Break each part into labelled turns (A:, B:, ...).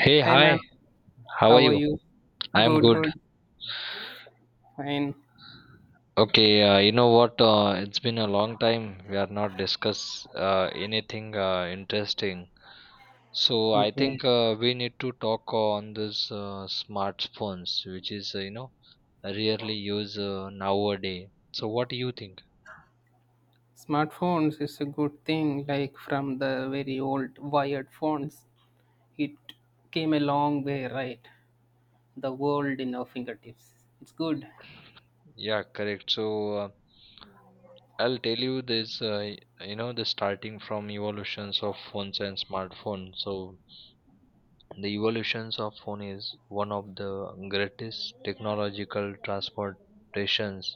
A: Hey,
B: Hey
A: hi,
B: man,
A: how are
B: how are
A: you?
B: you?
A: I'm
B: Good,
A: good.
B: good, fine.
A: Okay, you know what? It's been a long time. We are not discuss anything interesting. So I
B: Yeah.
A: think we need to talk on this smartphones, which is you know rarely used nowadays. So what do you think?
B: Smartphones is a good thing, like from the very old wired phones. It came a long way, right? The world in our fingertips. It's good.
A: Yeah, correct. So uh, I'll tell you this. You know the starting from evolutions of phones and smartphones. So the evolutions of phone is one of the greatest technological transportations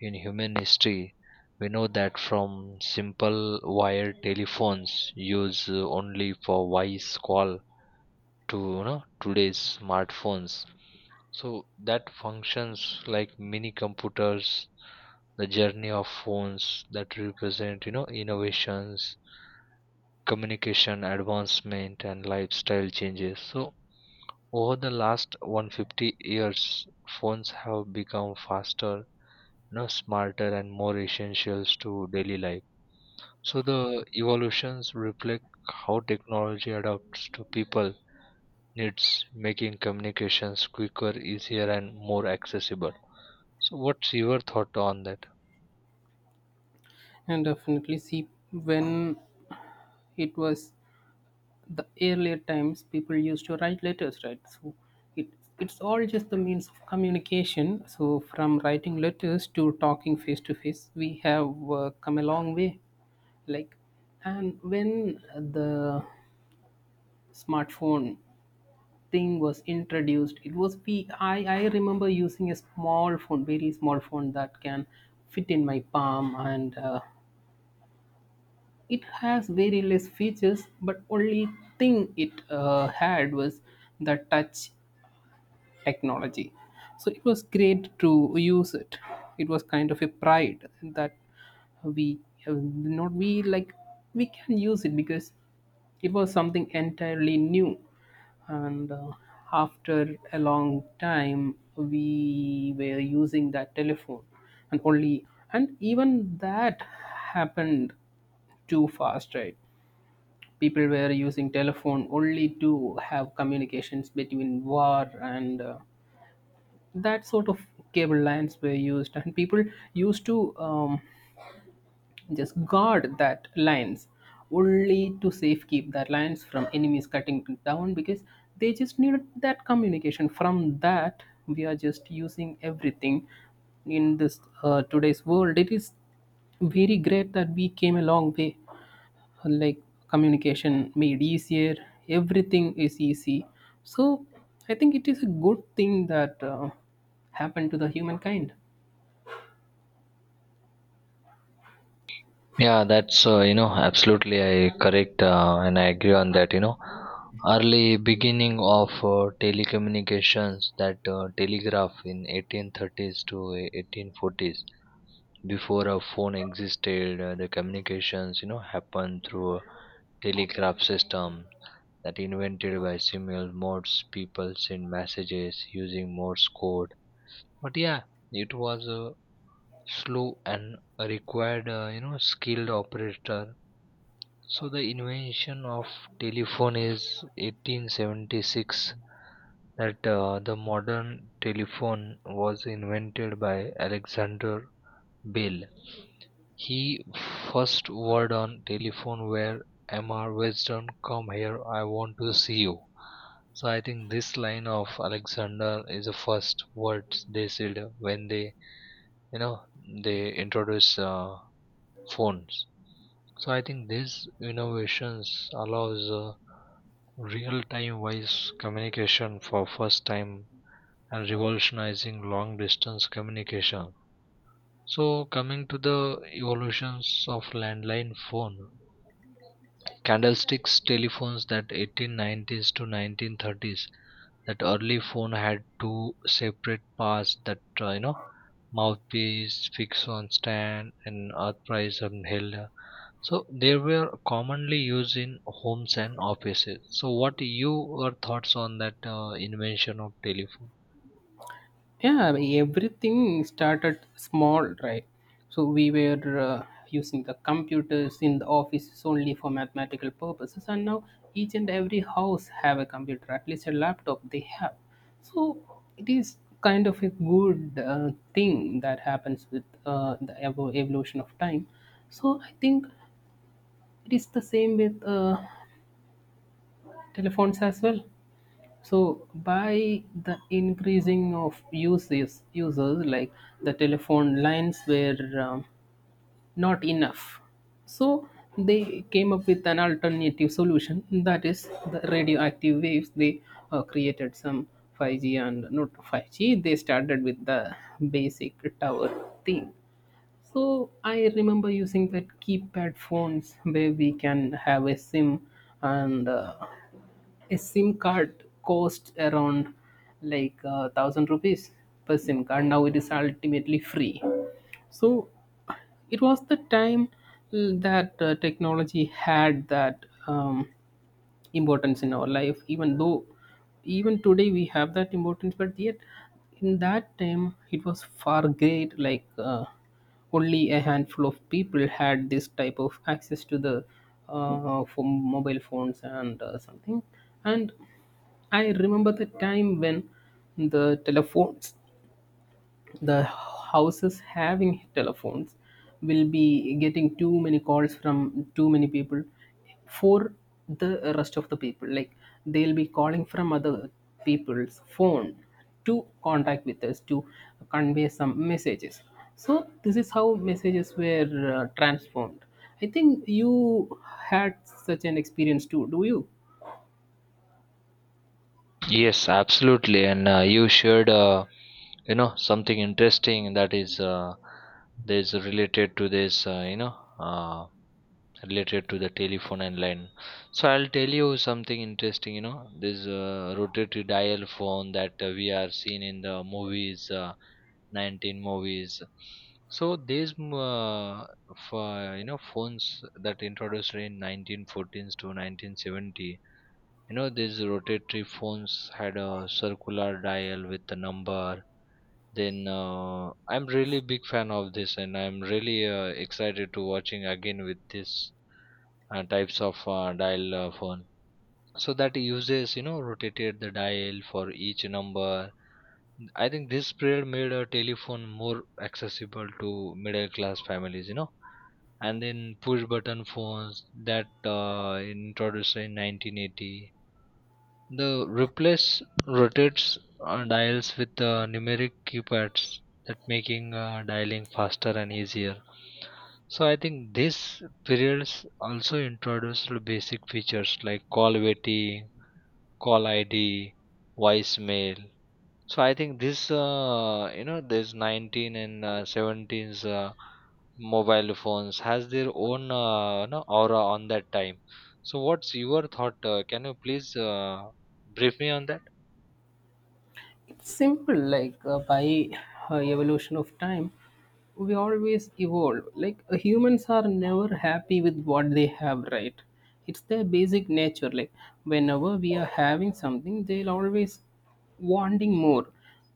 A: in human history. We know that from simple wire telephones used only for voice call to you know, today's smartphones. So that functions like mini computers. The journey of phones that represent you know innovations, communication advancement, and lifestyle changes. So over the last 150 years, phones have become faster, you know, smarter, and more essential to daily life. So the evolutions reflect how technology adapts to people needs, making communications quicker, easier, and more accessible. So what's your thought on that?
B: And definitely see when it was the earlier times, people used to write letters, right? So it it's all just the means of communication. So from writing letters to talking face to face, we have come a long way. Like, and when the smartphone thing was introduced, it was, we I remember using a small phone, very small phone that can fit in my palm. And it has very less features, but only thing it had was the touch technology. So it was great to use it. It was kind of a pride that we, not we, like we can use it because it was something entirely new. And after a long time we were using that telephone. And only, and even that happened too fast, right? People were using telephone only to have communications between war, and that sort of cable lines were used. And people used to just guard that lines only to safekeep that lines from enemies cutting it down, because they just needed that communication from that. We are just using everything in this today's world. It is very great that we came a long way. Like, communication made easier, everything is easy. So I think it is a good thing that happened to the humankind.
A: Yeah, that's you know absolutely I correct and I agree on that. You know, early beginning of telecommunications that telegraph in 1830s to 1840s before a phone existed, the communications you know happened through a telegraph system that invented by Samuel Morse. People sent messages using Morse code, but yeah, it was a slow and required you know skilled operator. So the invention of telephone is 1876, that the modern telephone was invented by Alexander Bell. He first word on telephone where Mr. Weston come here I want to see you. So I think this line of Alexander is the first words they said when they you know they introduce phones. So I think these innovations allows real-time voice communication for first time and revolutionizing long distance communication. So coming to the evolutions of landline phone, candlesticks telephones that 1890s to 1930s, that early phone had two separate parts that you know mouthpiece, fixed on stand, and earth price and held. So they were commonly used in homes and offices. So what you your thoughts on that invention of telephone?
B: Yeah, I mean, everything started small, right? So we were using the computers in the offices only for mathematical purposes, and now each and every house have a computer, at least a laptop they have. So it is kind of a good thing that happens with the evolution of time. So I think it is the same with telephones as well. So by the increasing of uses, users, like the telephone lines were not enough. So they came up with an alternative solution, that is the radioactive waves. They created some 5G, and not 5G. They started with the basic tower thing. So I remember using that keypad phones where we can have a SIM. And a SIM card cost around, like thousand rupees per SIM card. Now it is ultimately free. So it was the time that technology had that importance in our life. Even though, even today we have that importance, but yet in that time it was far great. Like, only a handful of people had this type of access to the for mobile phones and something. And I remember the time when the telephones, the houses having telephones, will be getting too many calls from too many people for the rest of the people. Like, they'll be calling from other people's phone to contact with us to convey some messages. So this is how messages were transformed. I think you had such an experience too, do you?
A: Yes, absolutely. And you shared, you know, something interesting that is related to this, you know, related to the telephone and line. So I'll tell you something interesting you know this rotary dial phone that we are seeing in the movies, 19 movies. So these for you know phones that introduced in 1914s to 1970, you know these rotatory phones had a circular dial with the number. Then I'm really big fan of this and I'm really excited to watching again with this types of dial phone. So that uses you know rotated the dial for each number. I think this period made a telephone more accessible to middle class families you know. And then push button phones that introduced in 1980, the replace rotates dials with numeric keypads, that making dialing faster and easier. So I think this periods also introduced basic features like call waiting, call ID, voicemail. So I think this, you know, this 19 and 17's mobile phones has their own you know, aura on that time. So what's your thought? Can you please brief me on that?
B: It's simple, like by evolution of time, we always evolve. Like, humans are never happy with what they have, right? It's their basic nature. Like, whenever we are having something, they'll always wanting more.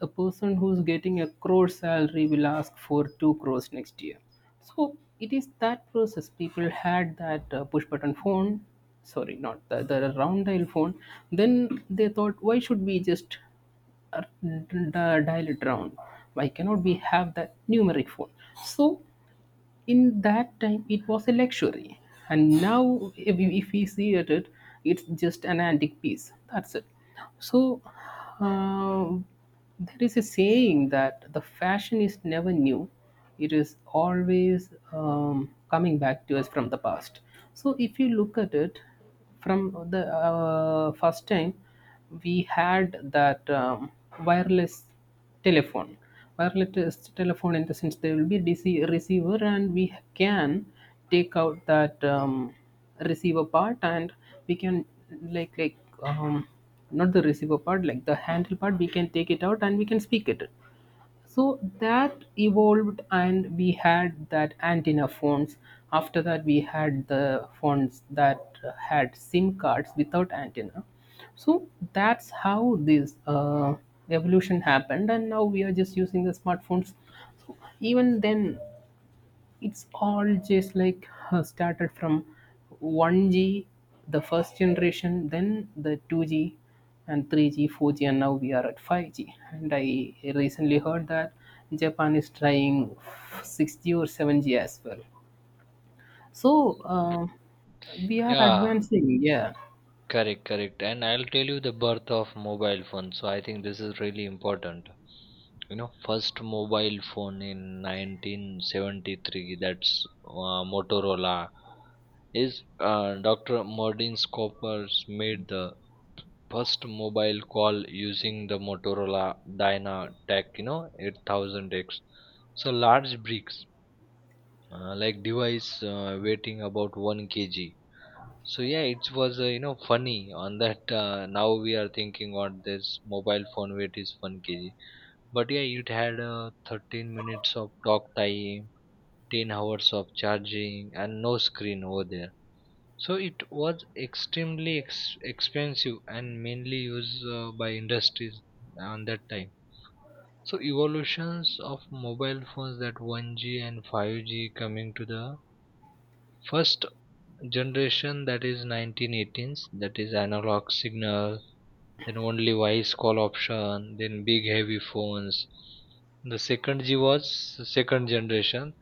B: A person who's getting a crore salary will ask for two crores next year. So it is that process. People had that push button phone, sorry, not the round dial phone. Then they thought, why should we just uh, dial it down? Why cannot we have that numeric phone? So in that time it was a luxury, and now if we see at it, it's just an antique piece, that's it. So, um, there is a saying that the fashion is never new, it is always coming back to us from the past. So if you look at it, from the first time we had that wireless telephone, wireless telephone in the sense there will be dc receiver, and we can take out that receiver part, and we can, like um, not the receiver part, like the handle part, we can take it out and we can speak it. So that evolved, and we had that antenna phones. After that, we had the phones that had SIM cards without antenna. So that's how this evolution happened, and now we are just using the smartphones. So even then, it's all just like started from 1G, the first generation, then the 2G and 3G, 4G, and now we are at 5G. And I recently heard that Japan is trying 6G or 7G as well. So, um, we are
A: Yeah,
B: advancing, yeah.
A: correct, correct. And I'll tell you the birth of mobile phone. So I think this is really important. You know, first mobile phone in 1973. That's Motorola. Is Dr. Martin Scopers made the first mobile call using the Motorola DynaTAC, you know, 8000X. So large bricks, like device weighing about 1 kg. So yeah, it was you know funny on that. Now we are thinking on this mobile phone weight is 1 kg. But yeah, it had 13 minutes of talk time, 10 hours of charging, and no screen over there. So it was extremely expensive and mainly used by industries on that time. So evolutions of mobile phones that 1G and 5G coming to the first generation that is 1918s, that is analog signal, then only voice call option, then big heavy phones. The second G was second generation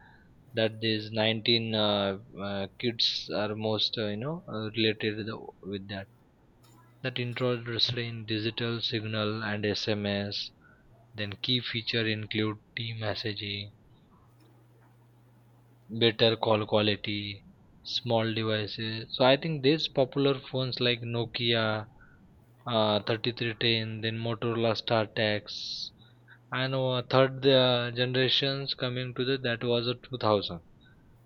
A: that is 19, kids are most you know related with that, that introduced in digital signal and SMS. Then key feature include team messaging, better call quality, small devices. So I think these popular phones like Nokia, 3310, then Motorola StarTax, and third generations coming to the that was a 2000.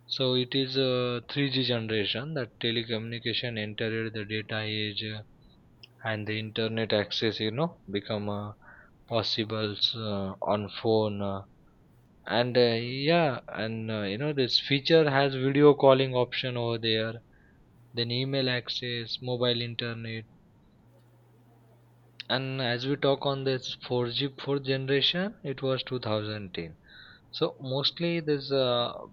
A: So it is a 3G generation, that telecommunication entered the data age, and the internet access you know become possible on phone, and yeah and you know this feature has video calling option over there, then email access, mobile internet. And as we talk on this 4G fourth generation it was 2010. So mostly this,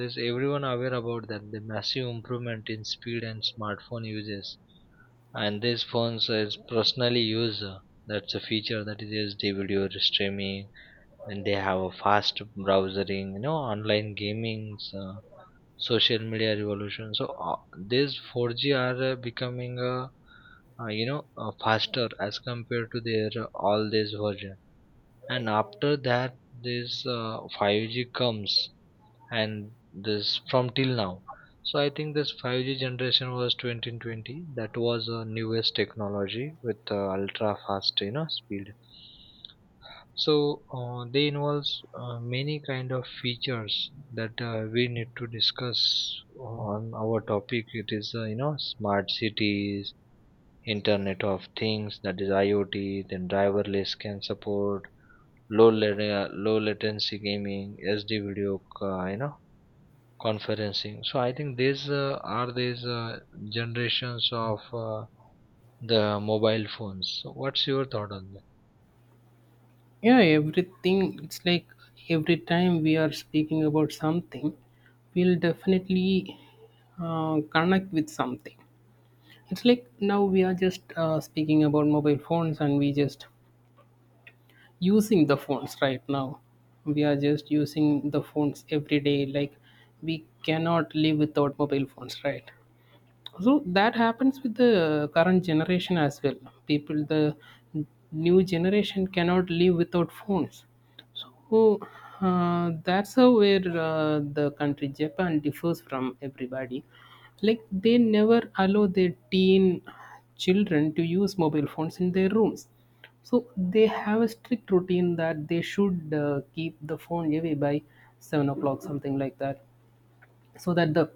A: this everyone aware about that the massive improvement in speed and smartphone uses. And these phones is personally used, that's a feature that is used the video streaming, then they have a fast browsing, you know online gaming, social media revolution. So these 4G are becoming you know faster as compared to their all these version. And after that this 5G comes, and this from till now. So I think this 5G generation was 2020, that was a newest technology with ultra fast you know speed. So they involves many kind of features that we need to discuss on our topic. It is you know smart cities, internet of things that is iot, then driverless can support, low latency gaming, sd video you know conferencing. So I think these are these generations of the mobile phones. So what's your thought on this?
B: Yeah, everything, it's like every time we are speaking about something, we'll definitely connect with something. It's like now we are just speaking about mobile phones, and we just using the phones right now. We are just using the phones every day. Like, we cannot live without mobile phones, right? So that happens with the current generation as well. People, the new generation cannot live without phones. Oh, that's how, where the country Japan differs from everybody. Like, they never allow their teen children to use mobile phones in their rooms. So they have a strict routine that they should keep the phone away by 7 o'clock, something like that, so that the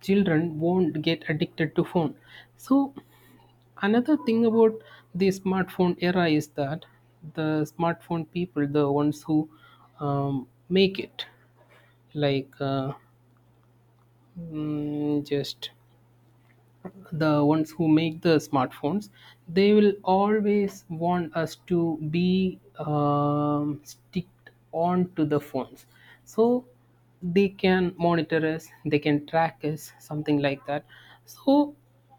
B: children won't get addicted to phone. So another thing about the smartphone era is that the smartphone people, the ones who make it, like just the ones who make the smartphones, they will always want us to be sticked on to the phones. So they can monitor us, they can track us, something like that. So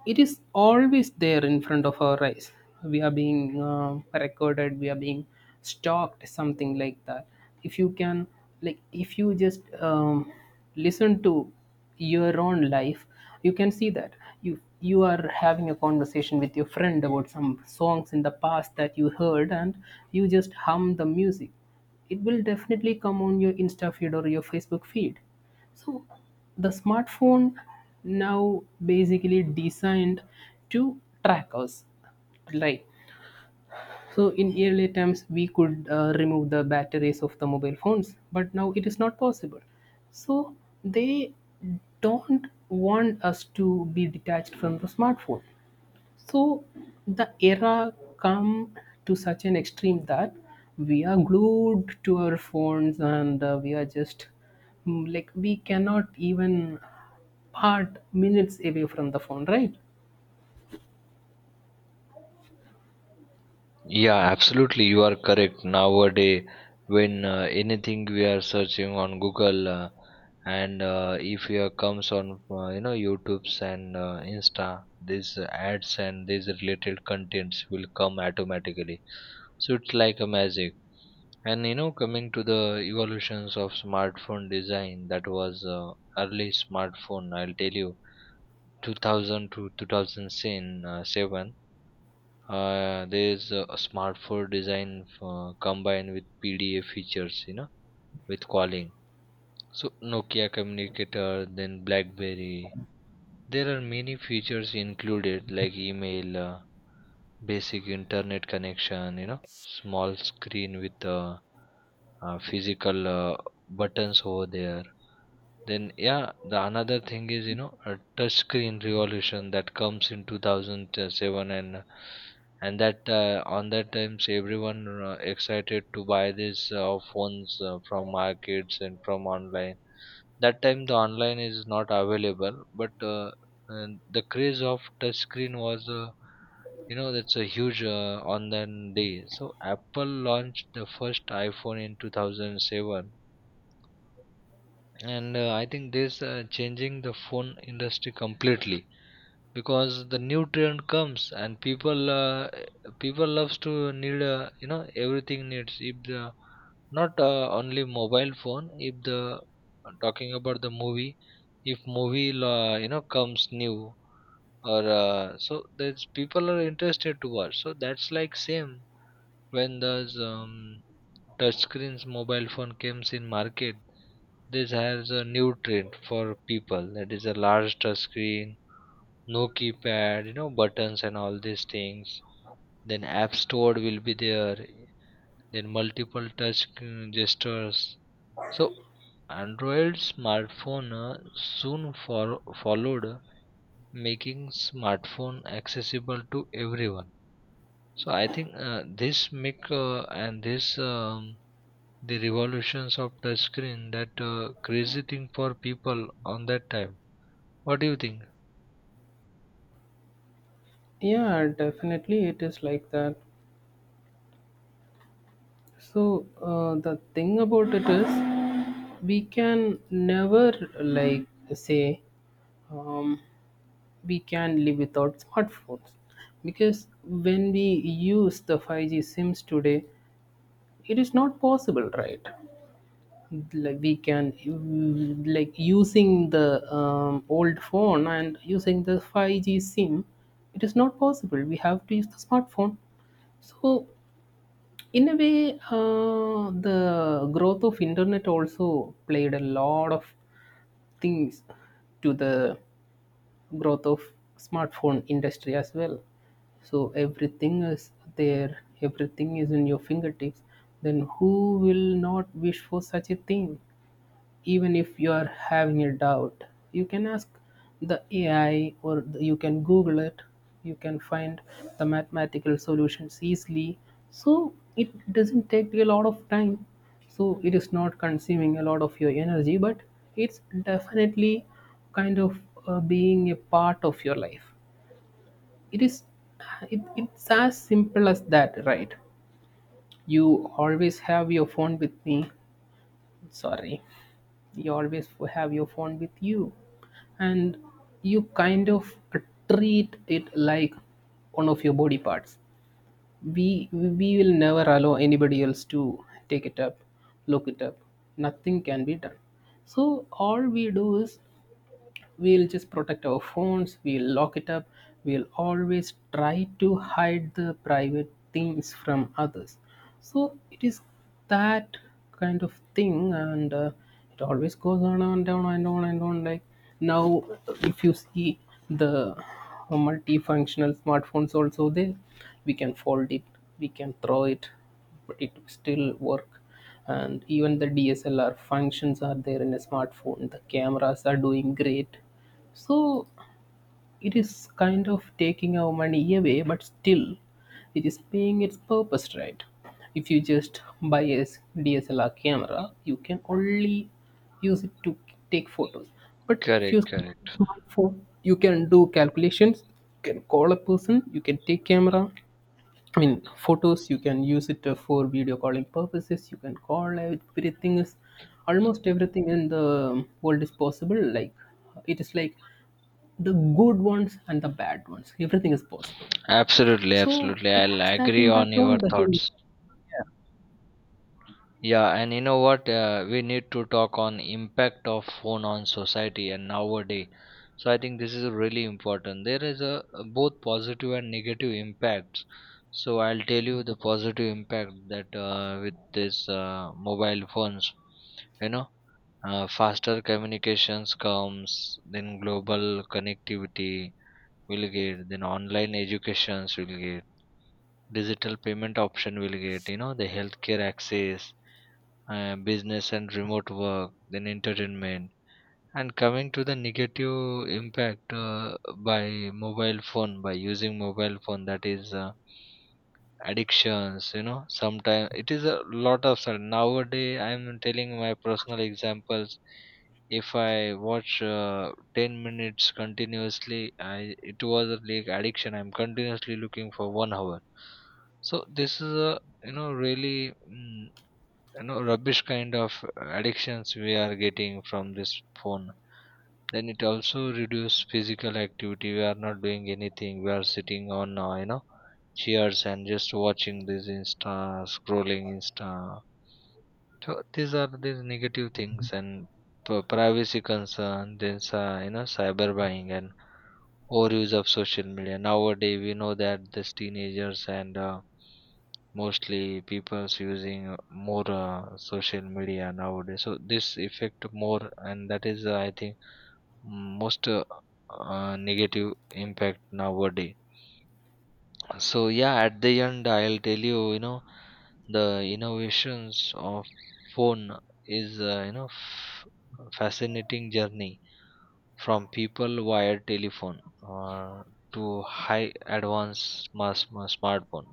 B: it is always there in front of our eyes. We are being recorded, we are being stalked, something like that. If you can, like if you just listen to your own life, you can see that you are having a conversation with your friend about some songs in the past that you heard, and you just hum the music, it will definitely come on your insta feed or your facebook feed. So the smartphone now basically designed to track us, right? So in earlier times, we could remove the batteries of the mobile phones, but now it is not possible. So they don't want us to be detached from the smartphone. So the era come to such an extreme that we are glued to our phones, and we are just like we cannot even part minutes away from the phone, right?
A: Yeah, absolutely. You are correct. Nowadays, when anything we are searching on Google, and if you comes on you know YouTube's and Insta, these ads and these related contents will come automatically. So it's like a magic. And you know, coming to the evolutions of smartphone design, that was early smartphone. I'll tell you, 2000 to 2007. There's a smart for design combined with PDA features, you know, with calling. So Nokia Communicator, then BlackBerry. There are many features included like email, basic internet connection, you know small screen with physical buttons over there. Then yeah the another thing is you know a touch screen revolution that comes in 2007. And that, on that times everyone excited to buy this phones from markets and from online. That time the online is not available but and the craze of touch screen was, you know that's a huge on that day. So Apple launched the first iPhone in 2007, and I think this changing the phone industry completely, because the nutrient comes and people loves to need you know everything needs, if the not only mobile phone, if the talking about the movie, if movie you know comes new, or so there's people are interested to watch. So that's like same when those touch screens mobile phone comes in market. This has a new trend for people, that is a large touch screen, no keypad you know buttons and all these things, then app store will be there, then multiple touch gestures. So android smartphone followed, making smartphone accessible to everyone. So I think this make and this, the revolutions of touchscreen, that crazy thing for people on that time. What do you think?
B: Yeah, definitely it is like that. So the thing about it is, we can never like say um, we can live without smartphones, because when we use the 5G SIMs today, it is not possible, right? Like, we can, like using the old phone and using the 5G SIM, it is not possible. We have to use the smartphone. So in a way, the growth of internet also played a lot of things to the growth of smartphone industry as well. So everything is there, everything is in your fingertips. Then who will not wish for such a thing? Even if you are having a doubt, you can ask the ai, you can google it, you can find the mathematical solutions easily. So it doesn't take a lot of time. So it is not consuming a lot of your energy, but it's definitely kind of being a part of your life. It is, it's as simple as that, right? You always have your phone with me, sorry, you always have your phone with you. And you kind of treat it like one of your body parts. We will never allow anybody else to take it up, look it up, nothing can be done. So all we do is, we'll just protect our phones, we'll lock it up, we'll always try to hide the private things from others. So it is that kind of thing. And it always goes on and on and on and on. Like, now if you see, the multifunctional smartphones also there, we can fold it, we can throw it, but it still work. And even the DSLR functions are there in a smartphone, the cameras are doing great. So it is kind of taking our money away, but still it is paying its purpose, right? If you just buy a DSLR camera, you can only use it to take photos. But if you
A: Correct,
B: use
A: correct.
B: smartphone, you can do calculations, you can call a person, you can take camera, I mean, photos, you can use it for video calling purposes. You can call, everything is, almost everything in the world is possible. Like, it is like the good ones and the bad ones. Everything is possible.
A: Absolutely,
B: So
A: absolutely.
B: it
A: I'll
B: has that
A: agree on
B: impact
A: your
B: on the human.
A: thoughts. Yeah, and you know what? We need to talk on impact of phone on society and nowadays. So I think this is really important. There is a both positive and negative impacts. So I'll tell you the positive impact that with this mobile phones, you know, faster communications comes, then global connectivity will get, then online educations will get, digital payment option will get, you know the healthcare access, business and remote work, then entertainment. And coming to the negative impact by mobile phone, by using mobile phone, that is addictions, you know sometimes it is a lot of sudden. Nowadays I'm telling my personal examples, if I watch 10 minutes continuously, I it was a like addiction, I'm continuously looking for 1 hour. So this is a you know really mm, you know rubbish kind of addictions we are getting from this phone. Then it also reduce physical activity, we are not doing anything, we are sitting on you know cheers and just watching this insta, scrolling insta. So these are these negative things, and privacy concern, then you know cyber buying and overuse of social media nowadays. We know that these teenagers and mostly people's using more social media nowadays, so this effect more, and that is I think most negative impact nowadays. So yeah at the end I'll tell you you know the innovations of phone is you know fascinating journey from people wired telephone uh, to high advanced mass smartphone.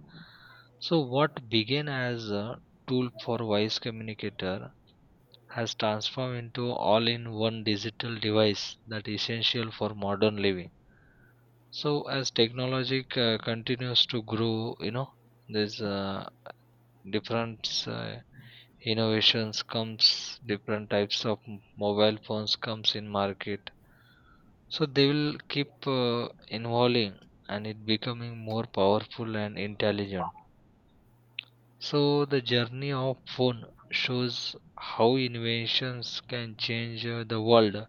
A: So what began as a tool for voice communicator has transformed into all in one digital device that is essential for modern living. So as technology continues to grow you know there's different innovations comes, different types of mobile phones comes in market. So they will keep uh, evolving, and it becoming more powerful and intelligent. So the journey of phone shows how innovations can change the world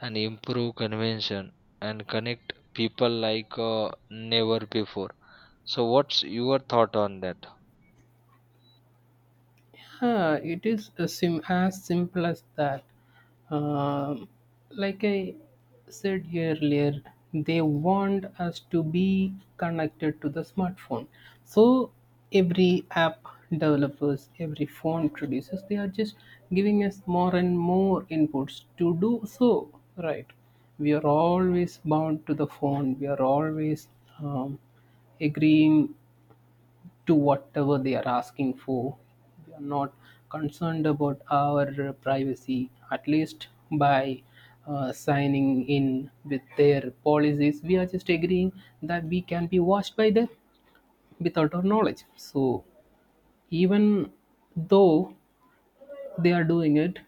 A: and improve convention and connect people like never before. So what's your thought on that?
B: Huh, it is a as simple as that. Um, like I said earlier, they want us to be connected to the smartphone. So every app developers, every phone producers, they are just giving us more and more inputs to do so. Right, we are always bound to the phone. We are always um, agreeing to whatever they are asking for. They are not concerned about our privacy, at least by signing in with their policies. We are just agreeing that we can be watched by them without our knowledge. So, even though they are doing it,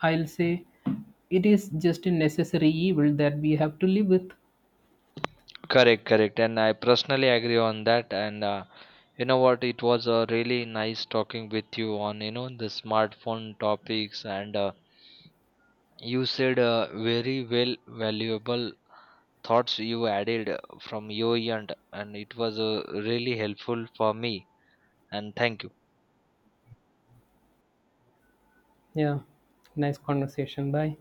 B: I'll say it is just a necessary evil that we have to live with.
A: Correct, correct, and I personally agree on that. And you know what? It was really nice talking with you on you know the smartphone topics, and you said very well valuable thoughts you added from your end, and it was really helpful for me. And thank you.
B: Yeah, nice conversation. Bye.